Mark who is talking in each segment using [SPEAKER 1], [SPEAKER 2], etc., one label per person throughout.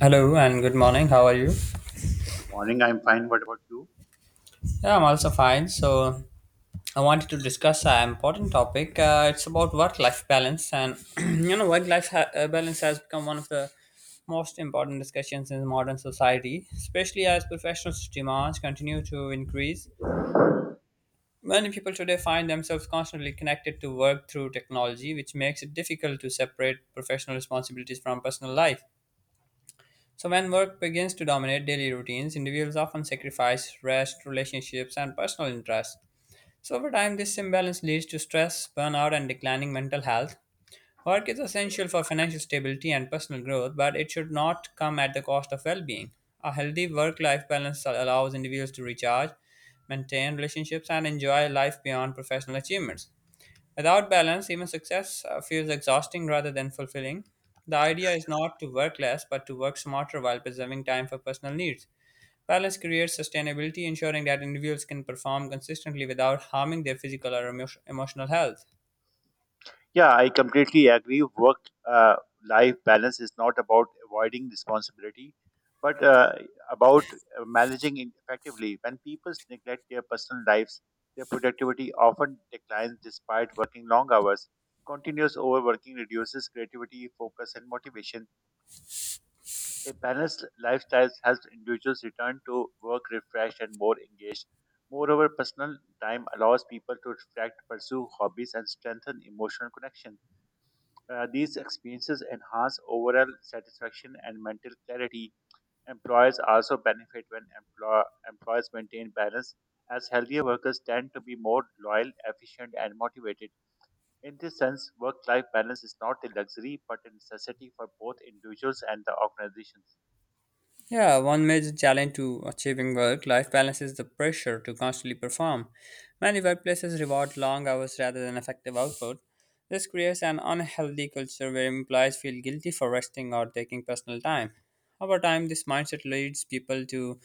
[SPEAKER 1] Hello and good morning. How are you?
[SPEAKER 2] Good morning. I'm fine. What about you?
[SPEAKER 1] Yeah, I'm also fine. So, I wanted to discuss an important topic. It's about work-life balance, and work-life balance has become one of the most important discussions in modern society, especially as professional demands continue to increase. Many people today find themselves constantly connected to work through technology, which makes it difficult to separate professional responsibilities from personal life. So, when work begins to dominate daily routines, individuals often sacrifice rest, relationships, and personal interests. So, over time, this imbalance leads to stress, burnout, and declining mental health. Work is essential for financial stability and personal growth, but it should not come at the cost of well being. A healthy work life balance allows individuals to recharge, maintain relationships, and enjoy life beyond professional achievements. Without balance, even success feels exhausting rather than fulfilling. The idea is not to work less, but to work smarter while preserving time for personal needs. Balance creates sustainability, ensuring that individuals can perform consistently without harming their physical or emotional health.
[SPEAKER 2] Yeah, I completely agree. Work life balance is not about avoiding responsibility, but about managing it effectively. When people neglect their personal lives, their productivity often declines despite working long hours. Continuous overworking reduces creativity, focus, and motivation. A balanced lifestyle helps individuals return to work refreshed and more engaged. Moreover, personal time allows people to reflect, pursue hobbies, and strengthen emotional connection. These experiences enhance overall satisfaction and mental clarity. Employers also benefit when employees maintain balance, as healthier workers tend to be more loyal, efficient, and motivated. In this sense, work life balance is not a luxury but a necessity for both individuals and the organizations.
[SPEAKER 1] Yeah, one major challenge to achieving work life balance is the pressure to constantly perform. Many workplaces reward long hours rather than effective output. This creates an unhealthy culture where employees feel guilty for resting or taking personal time. Over time, this mindset leads people to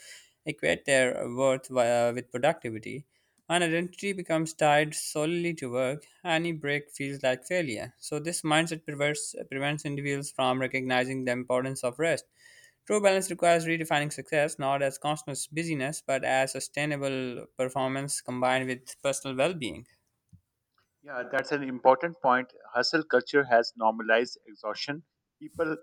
[SPEAKER 1] equate their worth with productivity. When identity becomes tied solely to work, any break feels like failure. So, this mindset prevents individuals from recognizing the importance of rest. True balance requires redefining success not as constant busyness but as sustainable performance combined with personal well being.
[SPEAKER 2] Yeah, that's an important point. Hustle culture has normalized exhaustion. People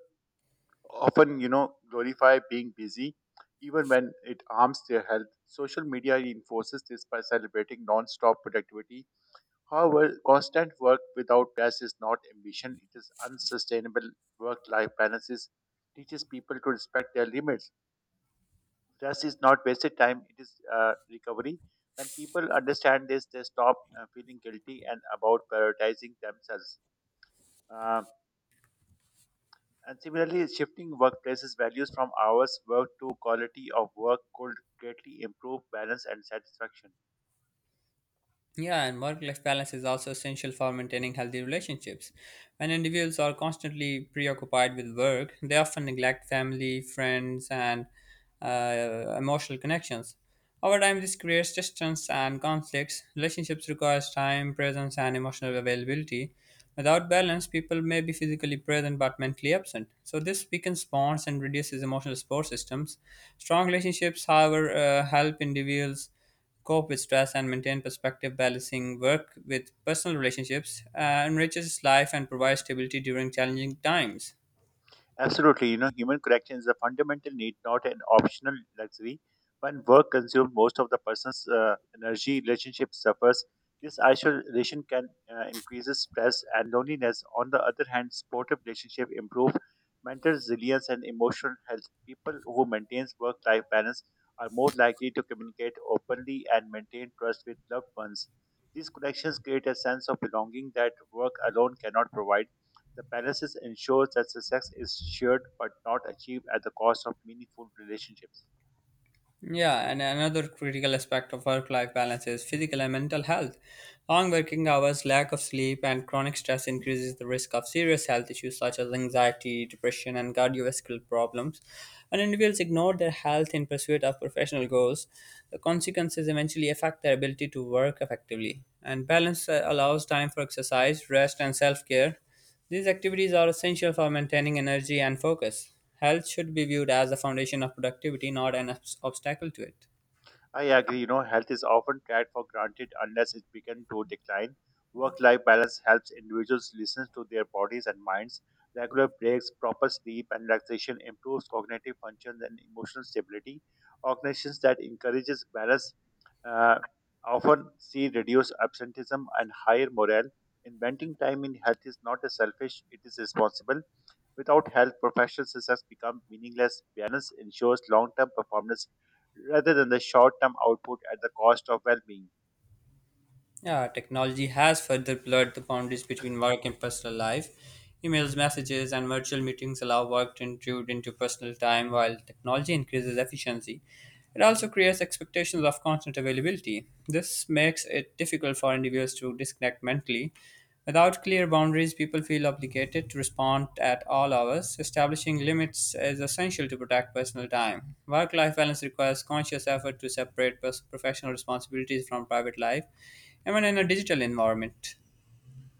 [SPEAKER 2] often, you know, glorify being busy, even when it harms their health. Social media reinforces this by celebrating non-stop productivity. However, constant work without rest is not ambition; it is unsustainable. Work-life balances teaches people to respect their limits. Rest is not wasted time; it is recovery. When people understand this, they stop feeling guilty and about prioritizing themselves. Uh, and similarly, shifting workplaces values from hours worked to quality of work could greatly improve balance and satisfaction.
[SPEAKER 1] Yeah, and work life balance is also essential for maintaining healthy relationships. When individuals are constantly preoccupied with work, they often neglect family, friends, and emotional connections. Over time, this creates distance and conflicts. Relationships requires time, presence, and emotional availability. Without balance, people may be physically present but mentally absent. So this weakens bonds and reduces emotional support systems. Strong relationships, however, help individuals cope with stress, and maintain perspective. Balancing work with personal relationships enriches life and provides stability during challenging times.
[SPEAKER 2] Absolutely. You know, human connection is a fundamental need, not an optional luxury. When work consumes most of the person's energy, relationship suffers. This isolation can increase stress and loneliness. On the other hand, supportive relationship improve mental resilience and emotional health. People who maintain work-life balance are more likely to communicate openly and maintain trust with loved ones. These connections create a sense of belonging that work alone cannot provide. The balances ensures that success is shared but not achieved at the cost of meaningful relationships.
[SPEAKER 1] Yeah, and another critical aspect of work life balance is physical and mental health. Long working hours, lack of sleep, and chronic stress increases the risk of serious health issues such as anxiety, depression, and cardiovascular problems. When individuals ignore their health in pursuit of professional goals, the consequences eventually affect their ability to work effectively. And balance allows time for exercise, rest, and self care. These activities are essential for maintaining energy and focus. Health should be viewed as the foundation of productivity, not an obstacle to it.
[SPEAKER 2] I agree, you know, health is often tried for granted unless it begins to decline. Work life balance helps individuals listen to their bodies and minds. Regular breaks, proper sleep, and relaxation improves cognitive functions and emotional stability. Organizations that encourages balance uh, often see reduced absenteeism and higher morale. Inventing time in health is not a selfish, it is responsible. Without health, professional success becomes meaningless. Balance ensures long-term performance rather than the short term output at the cost of well being.
[SPEAKER 1] Yeah, technology has further blurred the boundaries between work and personal life. Emails, messages, and virtual meetings allow work to intrude into personal time while technology increases efficiency. It also creates expectations of constant availability. This makes it difficult for individuals to disconnect mentally. Without clear boundaries, people feel obligated to respond at all hours. Establishing limits is essential to protect personal time. Work life balance requires conscious effort to separate professional responsibilities from private life even in a digital environment.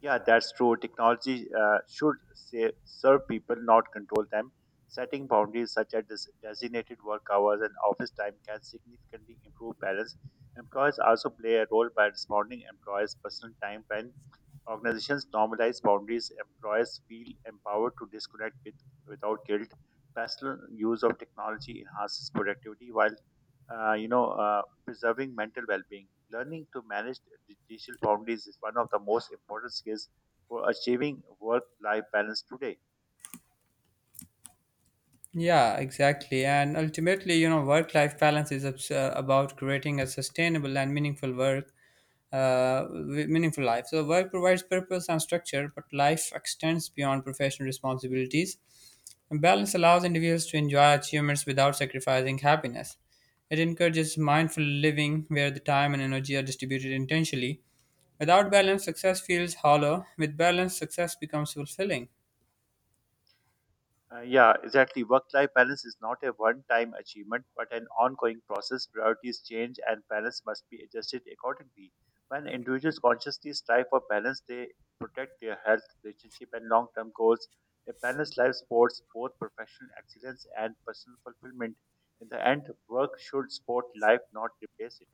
[SPEAKER 2] Yeah, that's true. Technology should say, serve people, not control them. Setting boundaries such as designated work hours and office time can significantly improve balance. Employers also play a role by responding employees' personal time when organizations normalize boundaries. Employees feel empowered to disconnect with, without guilt. Personal use of technology enhances productivity, while preserving mental well-being. Learning to manage the digital boundaries is one of the most important skills for achieving work-life balance today.
[SPEAKER 1] Yeah, exactly. And ultimately, work life balance is about creating a sustainable and meaningful life. So, work provides purpose and structure, but life extends beyond professional responsibilities. And balance allows individuals to enjoy achievements without sacrificing happiness. It encourages mindful living where the time and energy are distributed intentionally. Without balance, success feels hollow. With balance, success becomes fulfilling.
[SPEAKER 2] Yeah, exactly. Work life balance is not a one time achievement, but an ongoing process. Priorities change and balance must be adjusted accordingly. When individuals consciously strive for balance, they protect their health, relationship, and long term goals. A balanced life supports both professional excellence and personal fulfillment. In the end, work should support life, not replace it.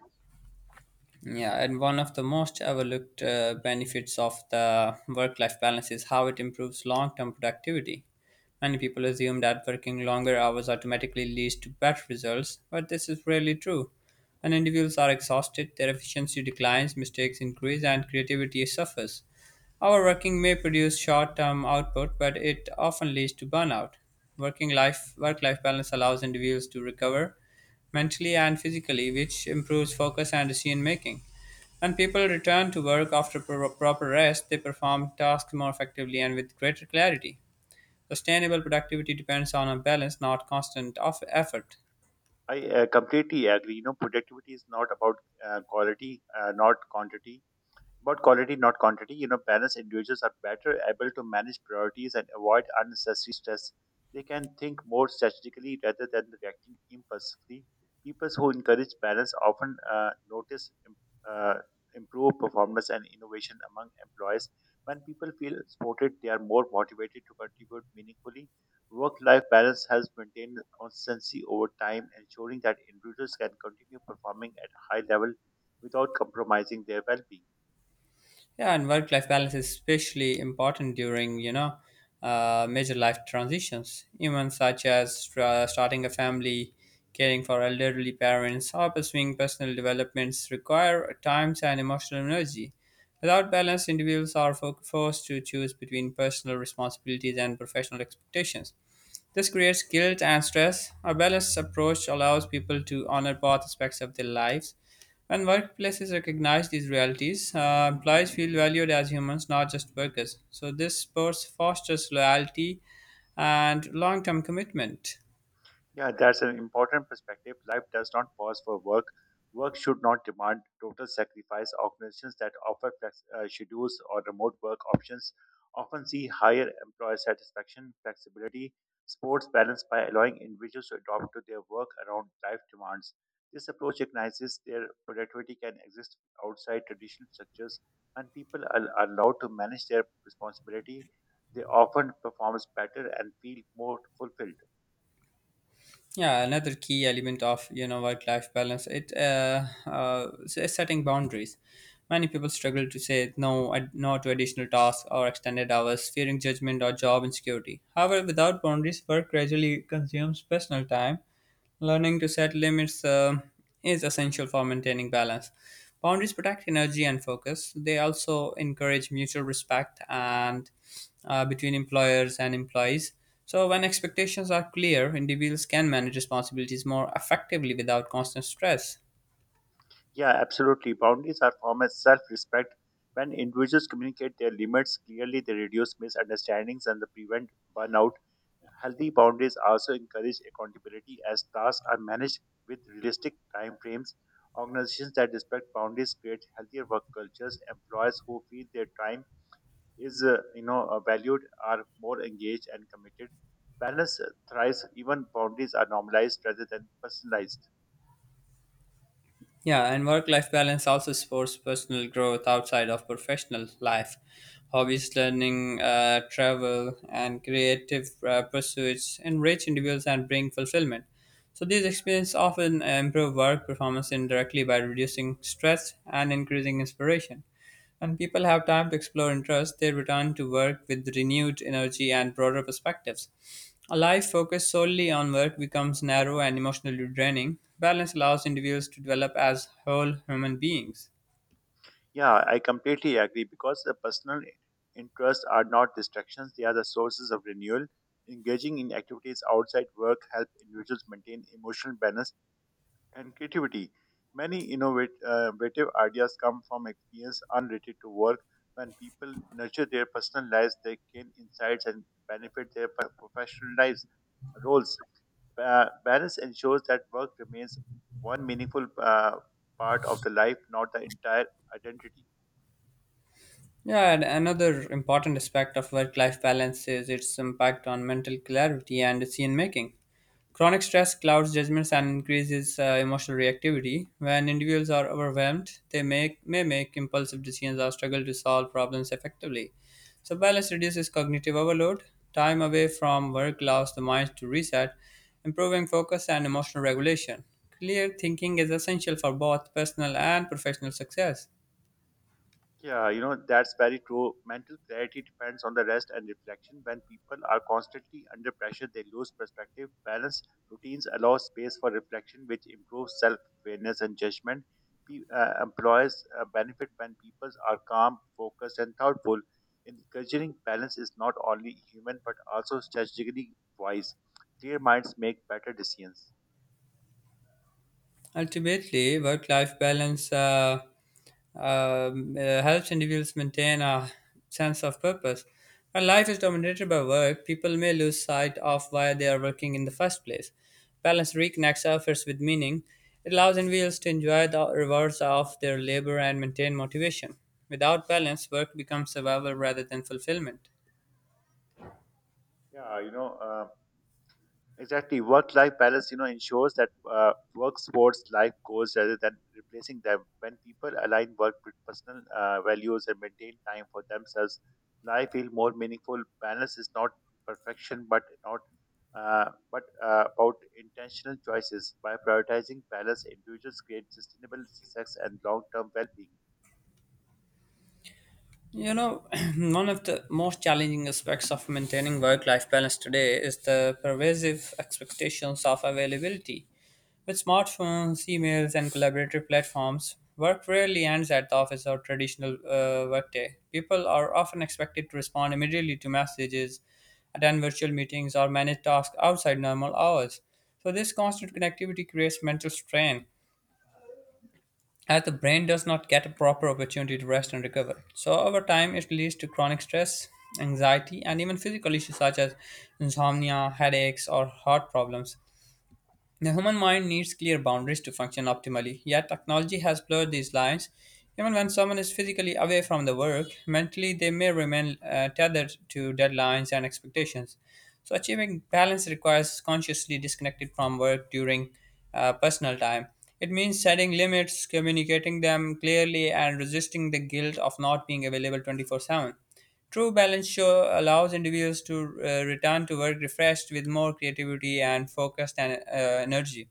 [SPEAKER 1] Yeah, and one of the most overlooked benefits of the work life balance is how it improves long term productivity. Many people assume that working longer hours automatically leads to better results, but this is rarely true. When individuals are exhausted, their efficiency declines, mistakes increase, and creativity suffers. Overworking may produce short-term output, but it often leads to burnout. Working life Work-life balance allows individuals to recover, mentally and physically, which improves focus and decision making. When people return to work after proper rest, they perform tasks more effectively and with greater clarity. Sustainable productivity depends on a balance, not constant of effort.
[SPEAKER 2] I completely agree. You know, productivity is not about uh, quality, uh, not quantity quality, not quantity. You know, balanced individuals are better able to manage priorities and avoid unnecessary stress. They can think more strategically rather than reacting impulsively. People who encourage balance often notice uh, improved performance and innovation among employees. When people feel supported, they are more motivated to contribute meaningfully. Work life balance helps maintain consistency over time, ensuring that individuals can continue performing at a high level without compromising their well being.
[SPEAKER 1] Yeah, and work-life balance is especially important during, major life transitions, even such as starting a family, caring for elderly parents, or pursuing personal developments require times and emotional energy. Without balance, individuals are forced to choose between personal responsibilities and professional expectations. This creates guilt and stress. A balanced approach allows people to honor both aspects of their lives. When workplaces recognize these realities, employees feel valued as humans, not just workers. So, this sports fosters loyalty and long term commitment.
[SPEAKER 2] Yeah, that's an important perspective. Life does not pause for work. Work should not demand total sacrifice. Organizations that offer flex schedules or remote work options often see higher employer satisfaction, flexibility, sports balance by allowing individuals to adapt to their work around life demands. This approach recognizes their productivity can exist outside traditional structures and people are allowed to manage their responsibility. They often perform better and feel more fulfilled.
[SPEAKER 1] Yeah, another key element of work life balance setting boundaries. Many people struggle to say no to additional tasks or extended hours, fearing judgment or job insecurity. However, without boundaries, work gradually consumes personal time. Learning to set limits is essential for maintaining balance. Boundaries protect energy and focus. They also encourage mutual respect and between employers and employees. So, when expectations are clear, individuals can manage responsibilities more effectively without constant stress.
[SPEAKER 2] Yeah, absolutely. Boundaries are formed as self respect. When individuals communicate their limits clearly, they reduce misunderstandings and they prevent burnout. Healthy boundaries also encourage accountability as tasks are managed with realistic time frames. Organizations that respect boundaries create healthier work cultures. Employees who feel their time is valued are more engaged and committed. Balance thrives even boundaries are normalized rather than personalized.
[SPEAKER 1] Yeah, and work life balance also supports personal growth outside of professional life. Hobbies, learning, travel, and creative pursuits enrich individuals and bring fulfillment. So, these experiences often improve work performance indirectly by reducing stress and increasing inspiration. When people have time to explore interests, they return to work with renewed energy and broader perspectives. A life focused solely on work becomes narrow and emotionally draining. Balance allows individuals to develop as whole human beings.
[SPEAKER 2] Yeah, I completely agree because the personal interests are not distractions, they are the sources of renewal. Engaging in activities outside work help individuals maintain emotional balance and creativity. Many innovative ideas come from experience unrelated to work. When people nurture their personal lives, they gain insights and benefit their professional lives roles. Balance ensures that work remains one meaningful part of the life, not the entire identity.
[SPEAKER 1] Yeah, and another important aspect of work life balance is its impact on mental clarity and decision making. Chronic stress clouds judgments and increases emotional reactivity. When individuals are overwhelmed, may make impulsive decisions or struggle to solve problems effectively. So, balance reduces cognitive overload, time away from work allows the mind to reset, improving focus and emotional regulation. Clear thinking is essential for both personal and professional success.
[SPEAKER 2] Yeah, you know, that's very true. Mental clarity depends on the rest and reflection. When people are constantly under pressure, they lose perspective. Balance routines allow space for reflection, which improves self awareness and judgment. Employers benefit when people are calm, focused, and thoughtful. Encouraging balance is not only human but also strategically wise. Clear minds make better decisions.
[SPEAKER 1] Ultimately, work life balance helps individuals maintain a sense of purpose. When life is dominated by work, people may lose sight of why they are working in the first place. Balance reconnects efforts with meaning. It allows individuals to enjoy the rewards of their labor and maintain motivation. Without balance, work becomes survival rather than fulfillment.
[SPEAKER 2] Yeah, exactly. Work life balance, you know, ensures that work sports life goals rather than replacing them. When people align work with personal values and maintain time for themselves, life feels more meaningful. Balance is not perfection, but not but about intentional choices. By prioritizing balance, individuals create sustainable success and long-term well-being.
[SPEAKER 1] You know, One of the most challenging aspects of maintaining work life balance today is the pervasive expectations of availability. With smartphones, emails, and collaborative platforms, work rarely ends at the office or traditional workday. People are often expected to respond immediately to messages, attend virtual meetings, or manage tasks outside normal hours. So, this constant connectivity creates mental strain as the brain does not get a proper opportunity to rest and recover. So, over time, it leads to chronic stress, anxiety, and even physical issues such as insomnia, headaches, or heart problems. The human mind needs clear boundaries to function optimally, yet technology has blurred these lines. Even when someone is physically away from the work, mentally they may remain tethered to deadlines and expectations. So, achieving balance requires consciously disconnected from work during personal time. It means setting limits, communicating them clearly, and resisting the guilt of not being available 24/7. True balance show allows individuals to return to work refreshed with more creativity and focused and, energy.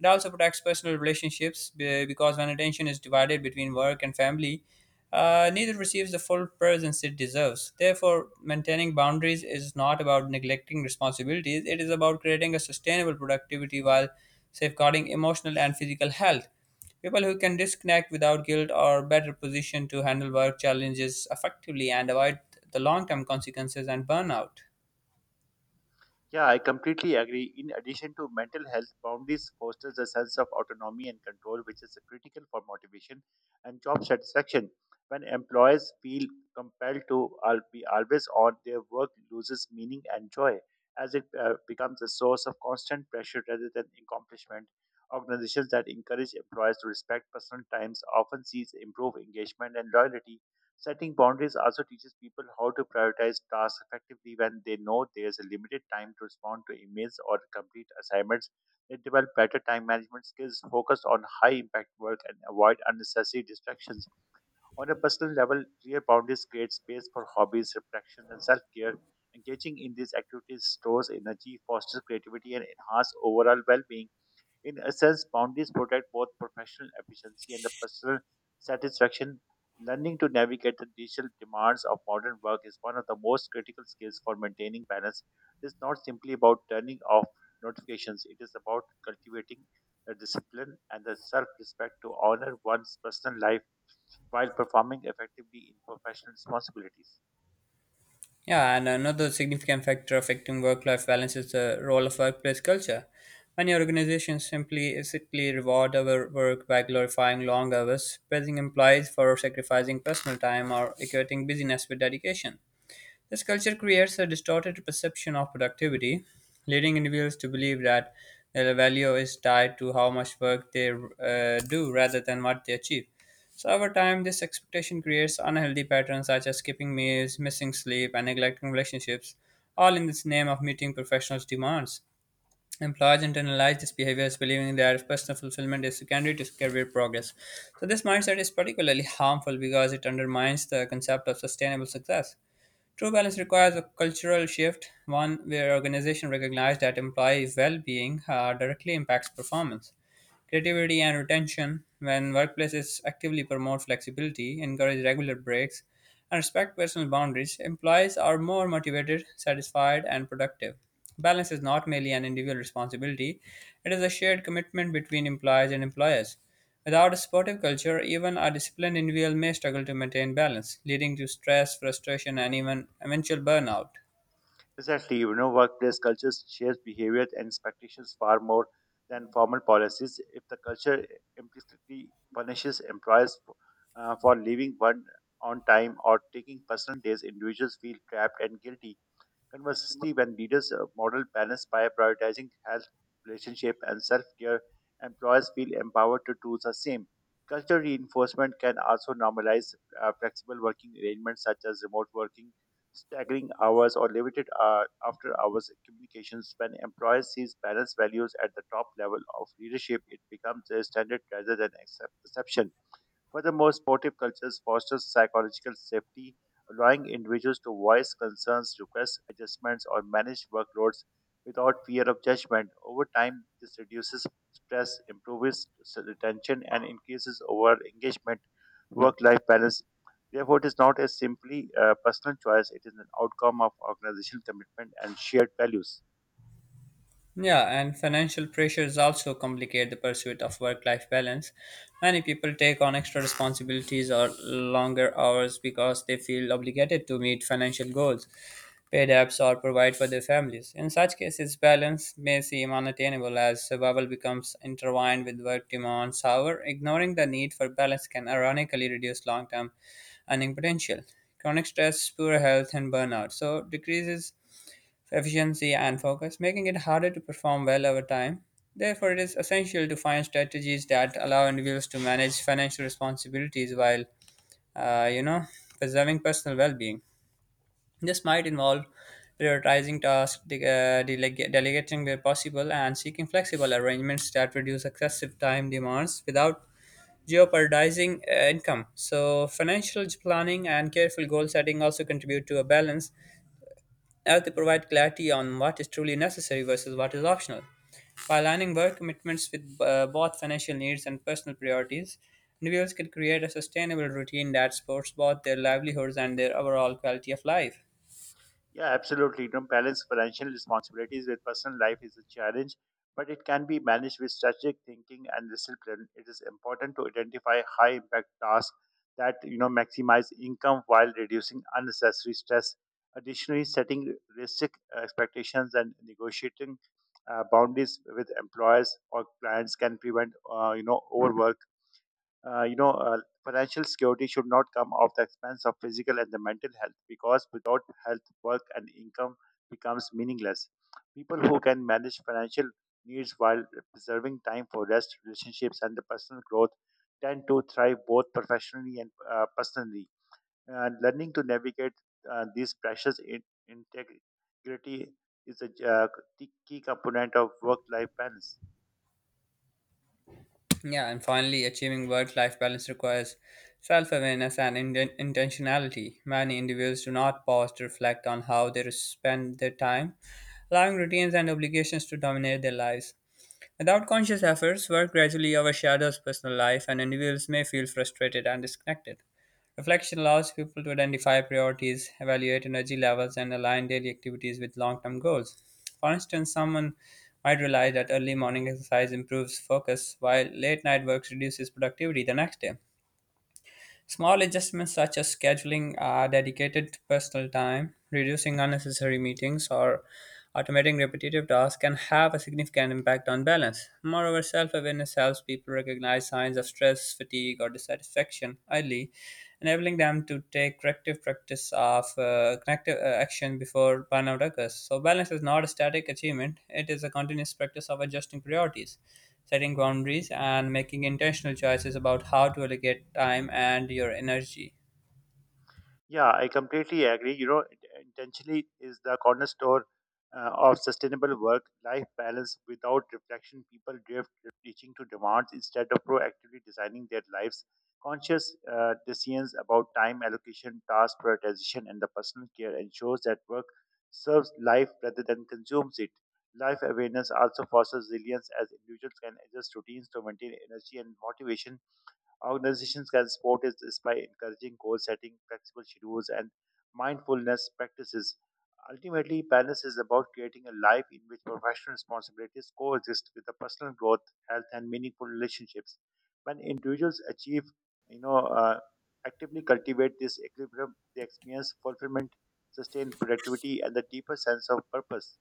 [SPEAKER 1] It also protects personal relationships because when attention is divided between work and family, neither receives the full presence it deserves. Therefore, maintaining boundaries is not about neglecting responsibilities, it is about creating a sustainable productivity while safeguarding emotional and physical health. People who can disconnect without guilt are better positioned to handle work challenges effectively and avoid the long term consequences and burnout.
[SPEAKER 2] Yeah, I completely agree. In addition to mental health, boundaries fosters a sense of autonomy and control, which is critical for motivation and job satisfaction. When employees feel compelled to be always on, their work loses meaning and joy, as it becomes a source of constant pressure rather than accomplishment. Organizations that encourage employees to respect personal times often sees improved engagement and loyalty. Setting boundaries also teaches people how to prioritize tasks effectively when they know there's a limited time to respond to emails or complete assignments. They develop better time management skills, focus on high impact work, and avoid unnecessary distractions. On a personal level, clear boundaries create space for hobbies, reflection, and self care. Engaging in these activities stores energy, fosters creativity, and enhances overall well being. In essence, boundaries protect both professional efficiency and the personal satisfaction. Learning to navigate the digital demands of modern work is one of the most critical skills for maintaining balance. It's not simply about turning off notifications, it is about cultivating the discipline and the self respect to honor one's personal life while performing effectively in professional responsibilities.
[SPEAKER 1] Yeah, and another significant factor affecting work life balance is the role of workplace culture. Many organizations simply reward our work by glorifying long hours, praising employees for sacrificing personal time, or equating busyness with dedication. This culture creates a distorted perception of productivity, leading individuals to believe that their value is tied to how much work they do rather than what they achieve. So, over time, this expectation creates unhealthy patterns such as skipping meals, missing sleep, and neglecting relationships, all in this name of meeting professionals' demands. Employers internalize this behavior as believing that personal fulfillment is secondary to career progress. So, this mindset is particularly harmful because it undermines the concept of sustainable success. True balance requires a cultural shift, one where organizations recognize that employee well being directly impacts performance. Creativity and retention when workplaces actively promote flexibility, encourage regular breaks, and respect personal boundaries, employees are more motivated, satisfied, and productive. Balance is not merely an individual responsibility, it is a shared commitment between employees and employers. Without a supportive culture, even a disciplined individual may struggle to maintain balance, leading to stress, frustration, and even eventual burnout.
[SPEAKER 2] Exactly, you know, workplace cultures shapes behaviors and expectations far more than formal policies. If the culture implicitly punishes employees for leaving one on time or taking personal days, individuals feel trapped and guilty. Conversely, when leaders model balance by prioritizing health, relationship, and self care, employers feel empowered to do the same. Cultural reinforcement can also normalize flexible working arrangements such as remote working, staggering hours, or limited after hours communications. When employers sees balance values at the top level of leadership, it becomes a standard rather than exception. Furthermore, supportive cultures foster psychological safety, allowing individuals to voice concerns, request adjustments, or manage workloads without fear of judgment. Over time, this reduces stress, improves retention, and increases overall engagement, work life balance. Therefore, it is not a simply personal choice, it is an outcome of organizational commitment and shared values.
[SPEAKER 1] Yeah, and financial pressures also complicate the pursuit of work life balance. Many people take on extra responsibilities or longer hours because they feel obligated to meet financial goals, pay debts, or provide for their families. In such cases, balance may seem unattainable as survival becomes intertwined with work demands. However, ignoring the need for balance can ironically reduce long term earning potential. Chronic stress, poor health, and burnout so decreases efficiency and focus, making it harder to perform well over time. Therefore, it is essential to find strategies that allow individuals to manage financial responsibilities while, uh, you know, preserving personal well-being. This might involve prioritizing tasks, delegating where possible, and seeking flexible arrangements that reduce excessive time demands without jeopardizing income. So, financial planning and careful goal setting also contribute to a balance as they provide clarity on what is truly necessary versus what is optional. By aligning work commitments with both financial needs and personal priorities, individuals can create a sustainable routine that supports both their livelihoods and their overall quality of life.
[SPEAKER 2] Yeah, absolutely. You know, balance financial responsibilities with personal life is a challenge, but it can be managed with strategic thinking and discipline. It is important to identify high impact tasks that you know maximize income while reducing unnecessary stress. Additionally, setting realistic expectations and negotiating boundaries with employers or clients can prevent uh, you know, uh, Financial security should not come at the expense of physical and the mental health because without health, work and income becomes meaningless. People who can manage financial needs while preserving time for rest, relationships, and the personal growth tend to thrive both professionally and personally. And learning to navigate these pressures in integrity is a key component of work-life balance.
[SPEAKER 1] Yeah, and finally, achieving work life balance requires self awareness and intentionality. Many individuals do not pause to reflect on how they spend their time, allowing routines and obligations to dominate their lives. Without conscious efforts, work gradually overshadows personal life, and individuals may feel frustrated and disconnected. Reflection allows people to identify priorities, evaluate energy levels, and align daily activities with long term goals. For instance, someone might realize that early morning exercise improves focus, while late night work reduces productivity the next day. Small adjustments such as scheduling dedicated personal time, reducing unnecessary meetings, or automating repetitive tasks can have a significant impact on balance. Moreover, self awareness helps people recognize signs of stress, fatigue, or dissatisfaction early, enabling them to take corrective practice of corrective action before burnout occurs. So, balance is not a static achievement, it is a continuous practice of adjusting priorities setting boundaries, and making intentional choices about how to allocate time and your energy.
[SPEAKER 2] Yeah, I completely agree. You know, intentionally is the cornerstone of sustainable work-life balance. Without reflection, people drift, reaching to demands instead of proactively designing their lives. Conscious decisions about time allocation, task prioritization, and the personal care ensures that work serves life rather than consumes it. Life awareness also fosters resilience as individuals can adjust routines to maintain energy and motivation. Organizations can support is this by encouraging goal setting, flexible schedules, and mindfulness practices. Ultimately, balance is about creating a life in which professional responsibilities coexist with the personal growth, health, and meaningful relationships. When individuals you know, uh, actively cultivate this equilibrium, they experience fulfillment, sustained productivity, and a deeper sense of purpose.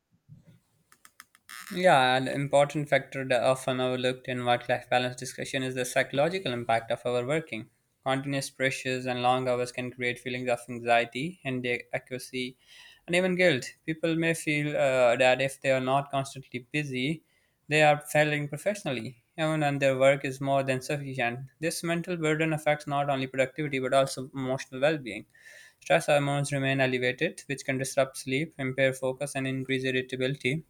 [SPEAKER 1] Yeah, an important factor that often overlooked in work-life balance discussion is the psychological impact of overworking. Continuous pressures and long hours can create feelings of anxiety, inadequacy, and even guilt. People may feel that if they are not constantly busy, they are failing professionally, even when their work is more than sufficient. This mental burden affects not only productivity but also emotional well-being. Stress hormones remain elevated, which can disrupt sleep, impair focus, and increase irritability.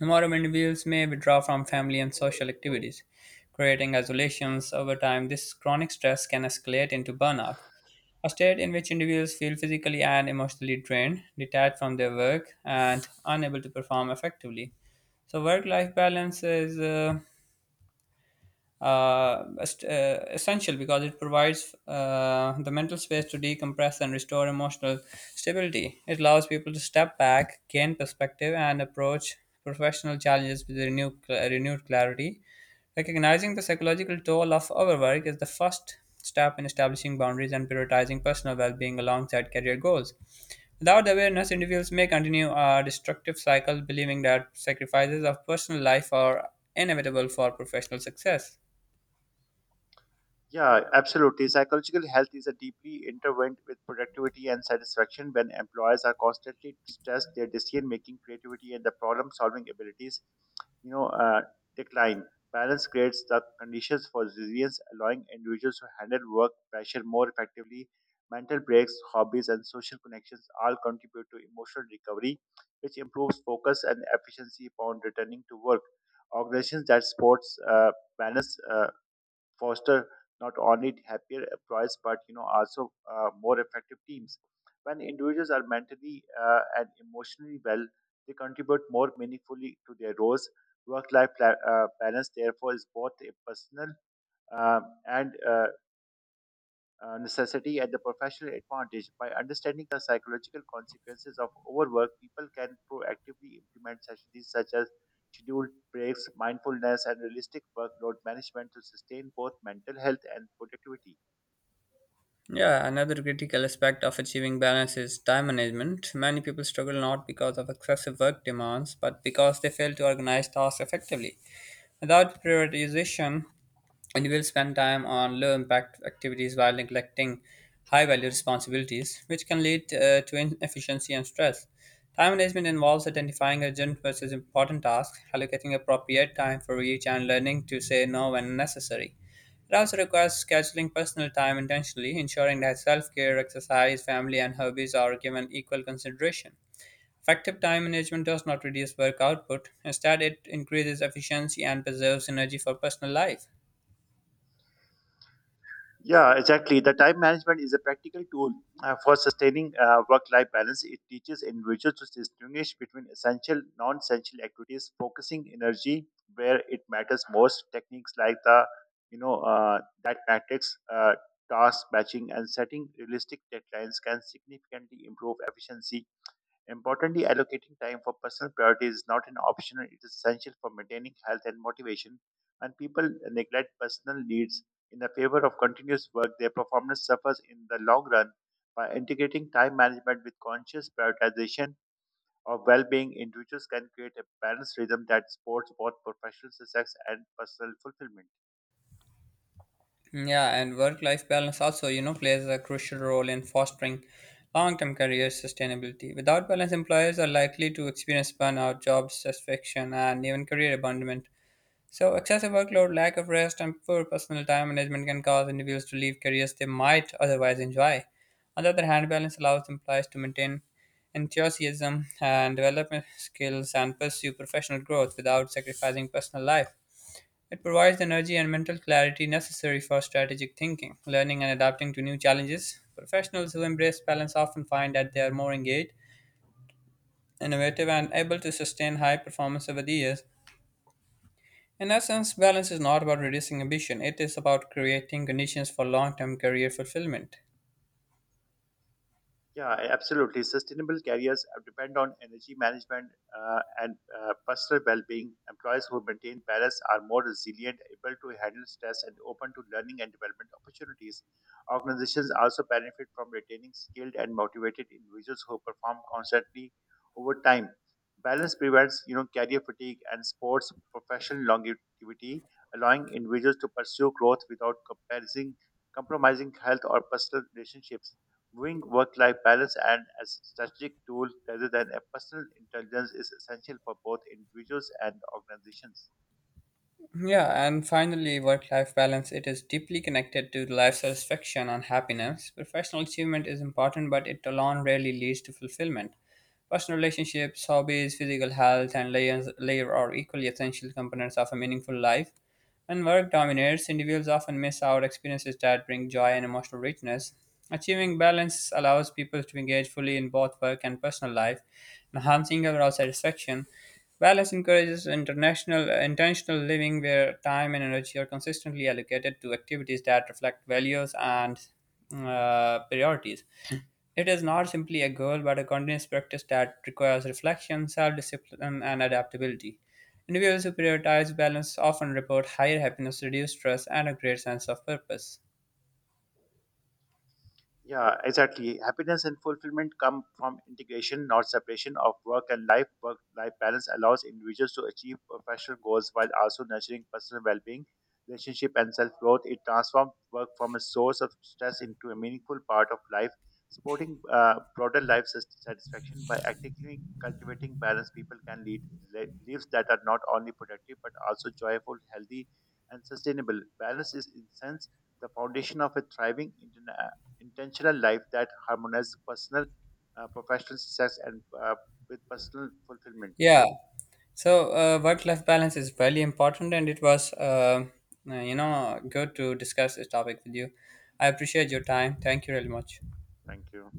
[SPEAKER 1] Modern individuals may withdraw from family and social activities, creating isolations. Over time, this chronic stress can escalate into burnout, a state in which individuals feel physically and emotionally drained, detached from their work, and unable to perform effectively. So, work life balance is essential because it provides the mental space to decompress and restore emotional stability. It allows people to step back, gain perspective, and approach professional challenges with renewed clarity. Recognizing the psychological toll of overwork is the first step in establishing boundaries and prioritizing personal well being alongside career goals. Without awareness, individuals may continue a destructive cycle, believing that sacrifices of personal life are inevitable for professional success.
[SPEAKER 2] Yeah, absolutely. Psychological health is a deeply intertwined with productivity and satisfaction. When employers are constantly stressed, their decision making, creativity, and the problem solving abilities, you know, uh, decline. Balance creates the conditions for resilience, allowing individuals to handle work pressure more effectively. Mental breaks, hobbies, and social connections all contribute to emotional recovery, which improves focus and efficiency upon returning to work. Organizations that sports balance. Foster not only happier employees but you know also more effective teams. When individuals are mentally and emotionally well, they contribute more meaningfully to their roles. Work-life balance, therefore, is both a personal and necessity and the professional advantage. By understanding the psychological consequences of overwork, people can proactively implement strategies such as scheduled breaks, mindfulness, and realistic workload management to sustain both mental health and productivity.
[SPEAKER 1] Yeah, another critical aspect of achieving balance is time management. Many people struggle not because of excessive work demands, but because they fail to organize tasks effectively. Without prioritization, and you will spend time on low impact activities while neglecting high value responsibilities, which can lead to inefficiency and stress. Time management involves identifying urgent versus important tasks, allocating appropriate time for each, and learning to say no when necessary. It also requires scheduling personal time intentionally, ensuring that self care, exercise, family, and hobbies are given equal consideration. Effective time management does not reduce work output, instead, it increases efficiency and preserves energy for personal life.
[SPEAKER 2] Yeah, exactly. The time management is a practical tool for sustaining work-life balance. It teaches individuals to distinguish between essential, non-essential activities, focusing energy where it matters most. Techniques like that matrix, task matching, and setting realistic deadlines can significantly improve efficiency. Importantly, allocating time for personal priority is not an option, it is essential for maintaining health and motivation. When people neglect personal needs in the favor of continuous work, their performance suffers in the long run. By integrating time management with conscious prioritization of well being, individuals can create a balanced rhythm that supports both professional success and personal fulfillment.
[SPEAKER 1] Yeah, and work life balance also, you know, plays a crucial role in fostering long term career sustainability. Without balance, employers are likely to experience burnout, job satisfaction, and even career abandonment. So, excessive workload, lack of rest, and poor personal time management can cause individuals to leave careers they might otherwise enjoy. On the other hand, balance allows employees to maintain enthusiasm and develop skills and pursue professional growth without sacrificing personal life. It provides the energy and mental clarity necessary for strategic thinking, learning, and adapting to new challenges. Professionals who embrace balance often find that they are more engaged, innovative, and able to sustain high performance over the years. In essence, balance is not about reducing ambition, it is about creating conditions for long term career fulfillment.
[SPEAKER 2] Yeah, absolutely. Sustainable careers depend on energy management and personal well-being. Employees who maintain balance are more resilient, able to handle stress, and open to learning and development opportunities. Organizations also benefit from retaining skilled and motivated individuals who perform constantly over time. Balance prevents, you know, career fatigue and sports professional longevity, allowing individuals to pursue growth without compromising health or personal relationships. Viewing work life balance and as a strategic tool rather than a personal intelligence is essential for both individuals and organizations.
[SPEAKER 1] Yeah, and finally, work life balance. It is deeply connected to life satisfaction and happiness. Professional achievement is important, but it alone rarely leads to fulfillment. Personal relationships, hobbies, physical health, and layer are equally essential components of a meaningful life. When work dominates, individuals often miss out experiences that bring joy and emotional richness. Achieving balance allows people to engage fully in both work and personal life, enhancing overall satisfaction. Balance encourages intentional living where time and energy are consistently allocated to activities that reflect values and priorities. It is not simply a goal, but a continuous practice that requires reflection, self discipline, and adaptability. Individuals who prioritize balance often report higher happiness, reduced stress, and a great sense of purpose.
[SPEAKER 2] Yeah, exactly. Happiness and fulfillment come from integration, not separation of work and life. Work life balance allows individuals to achieve professional goals while also nurturing personal well being, relationship, and self growth. It transforms work from a source of stress into a meaningful part of life, supporting broader life satisfaction by actively cultivating balance. People can lead lives that are not only productive but also joyful, healthy, and sustainable. Balance is, in sense, the foundation of a thriving intentional life that harmonizes personal, professional success and with personal fulfillment.
[SPEAKER 1] Yeah, so work life balance is very important, and it was, good to discuss this topic with you. I appreciate your
[SPEAKER 2] Thank
[SPEAKER 1] time. Thank you really much.
[SPEAKER 2] thank you.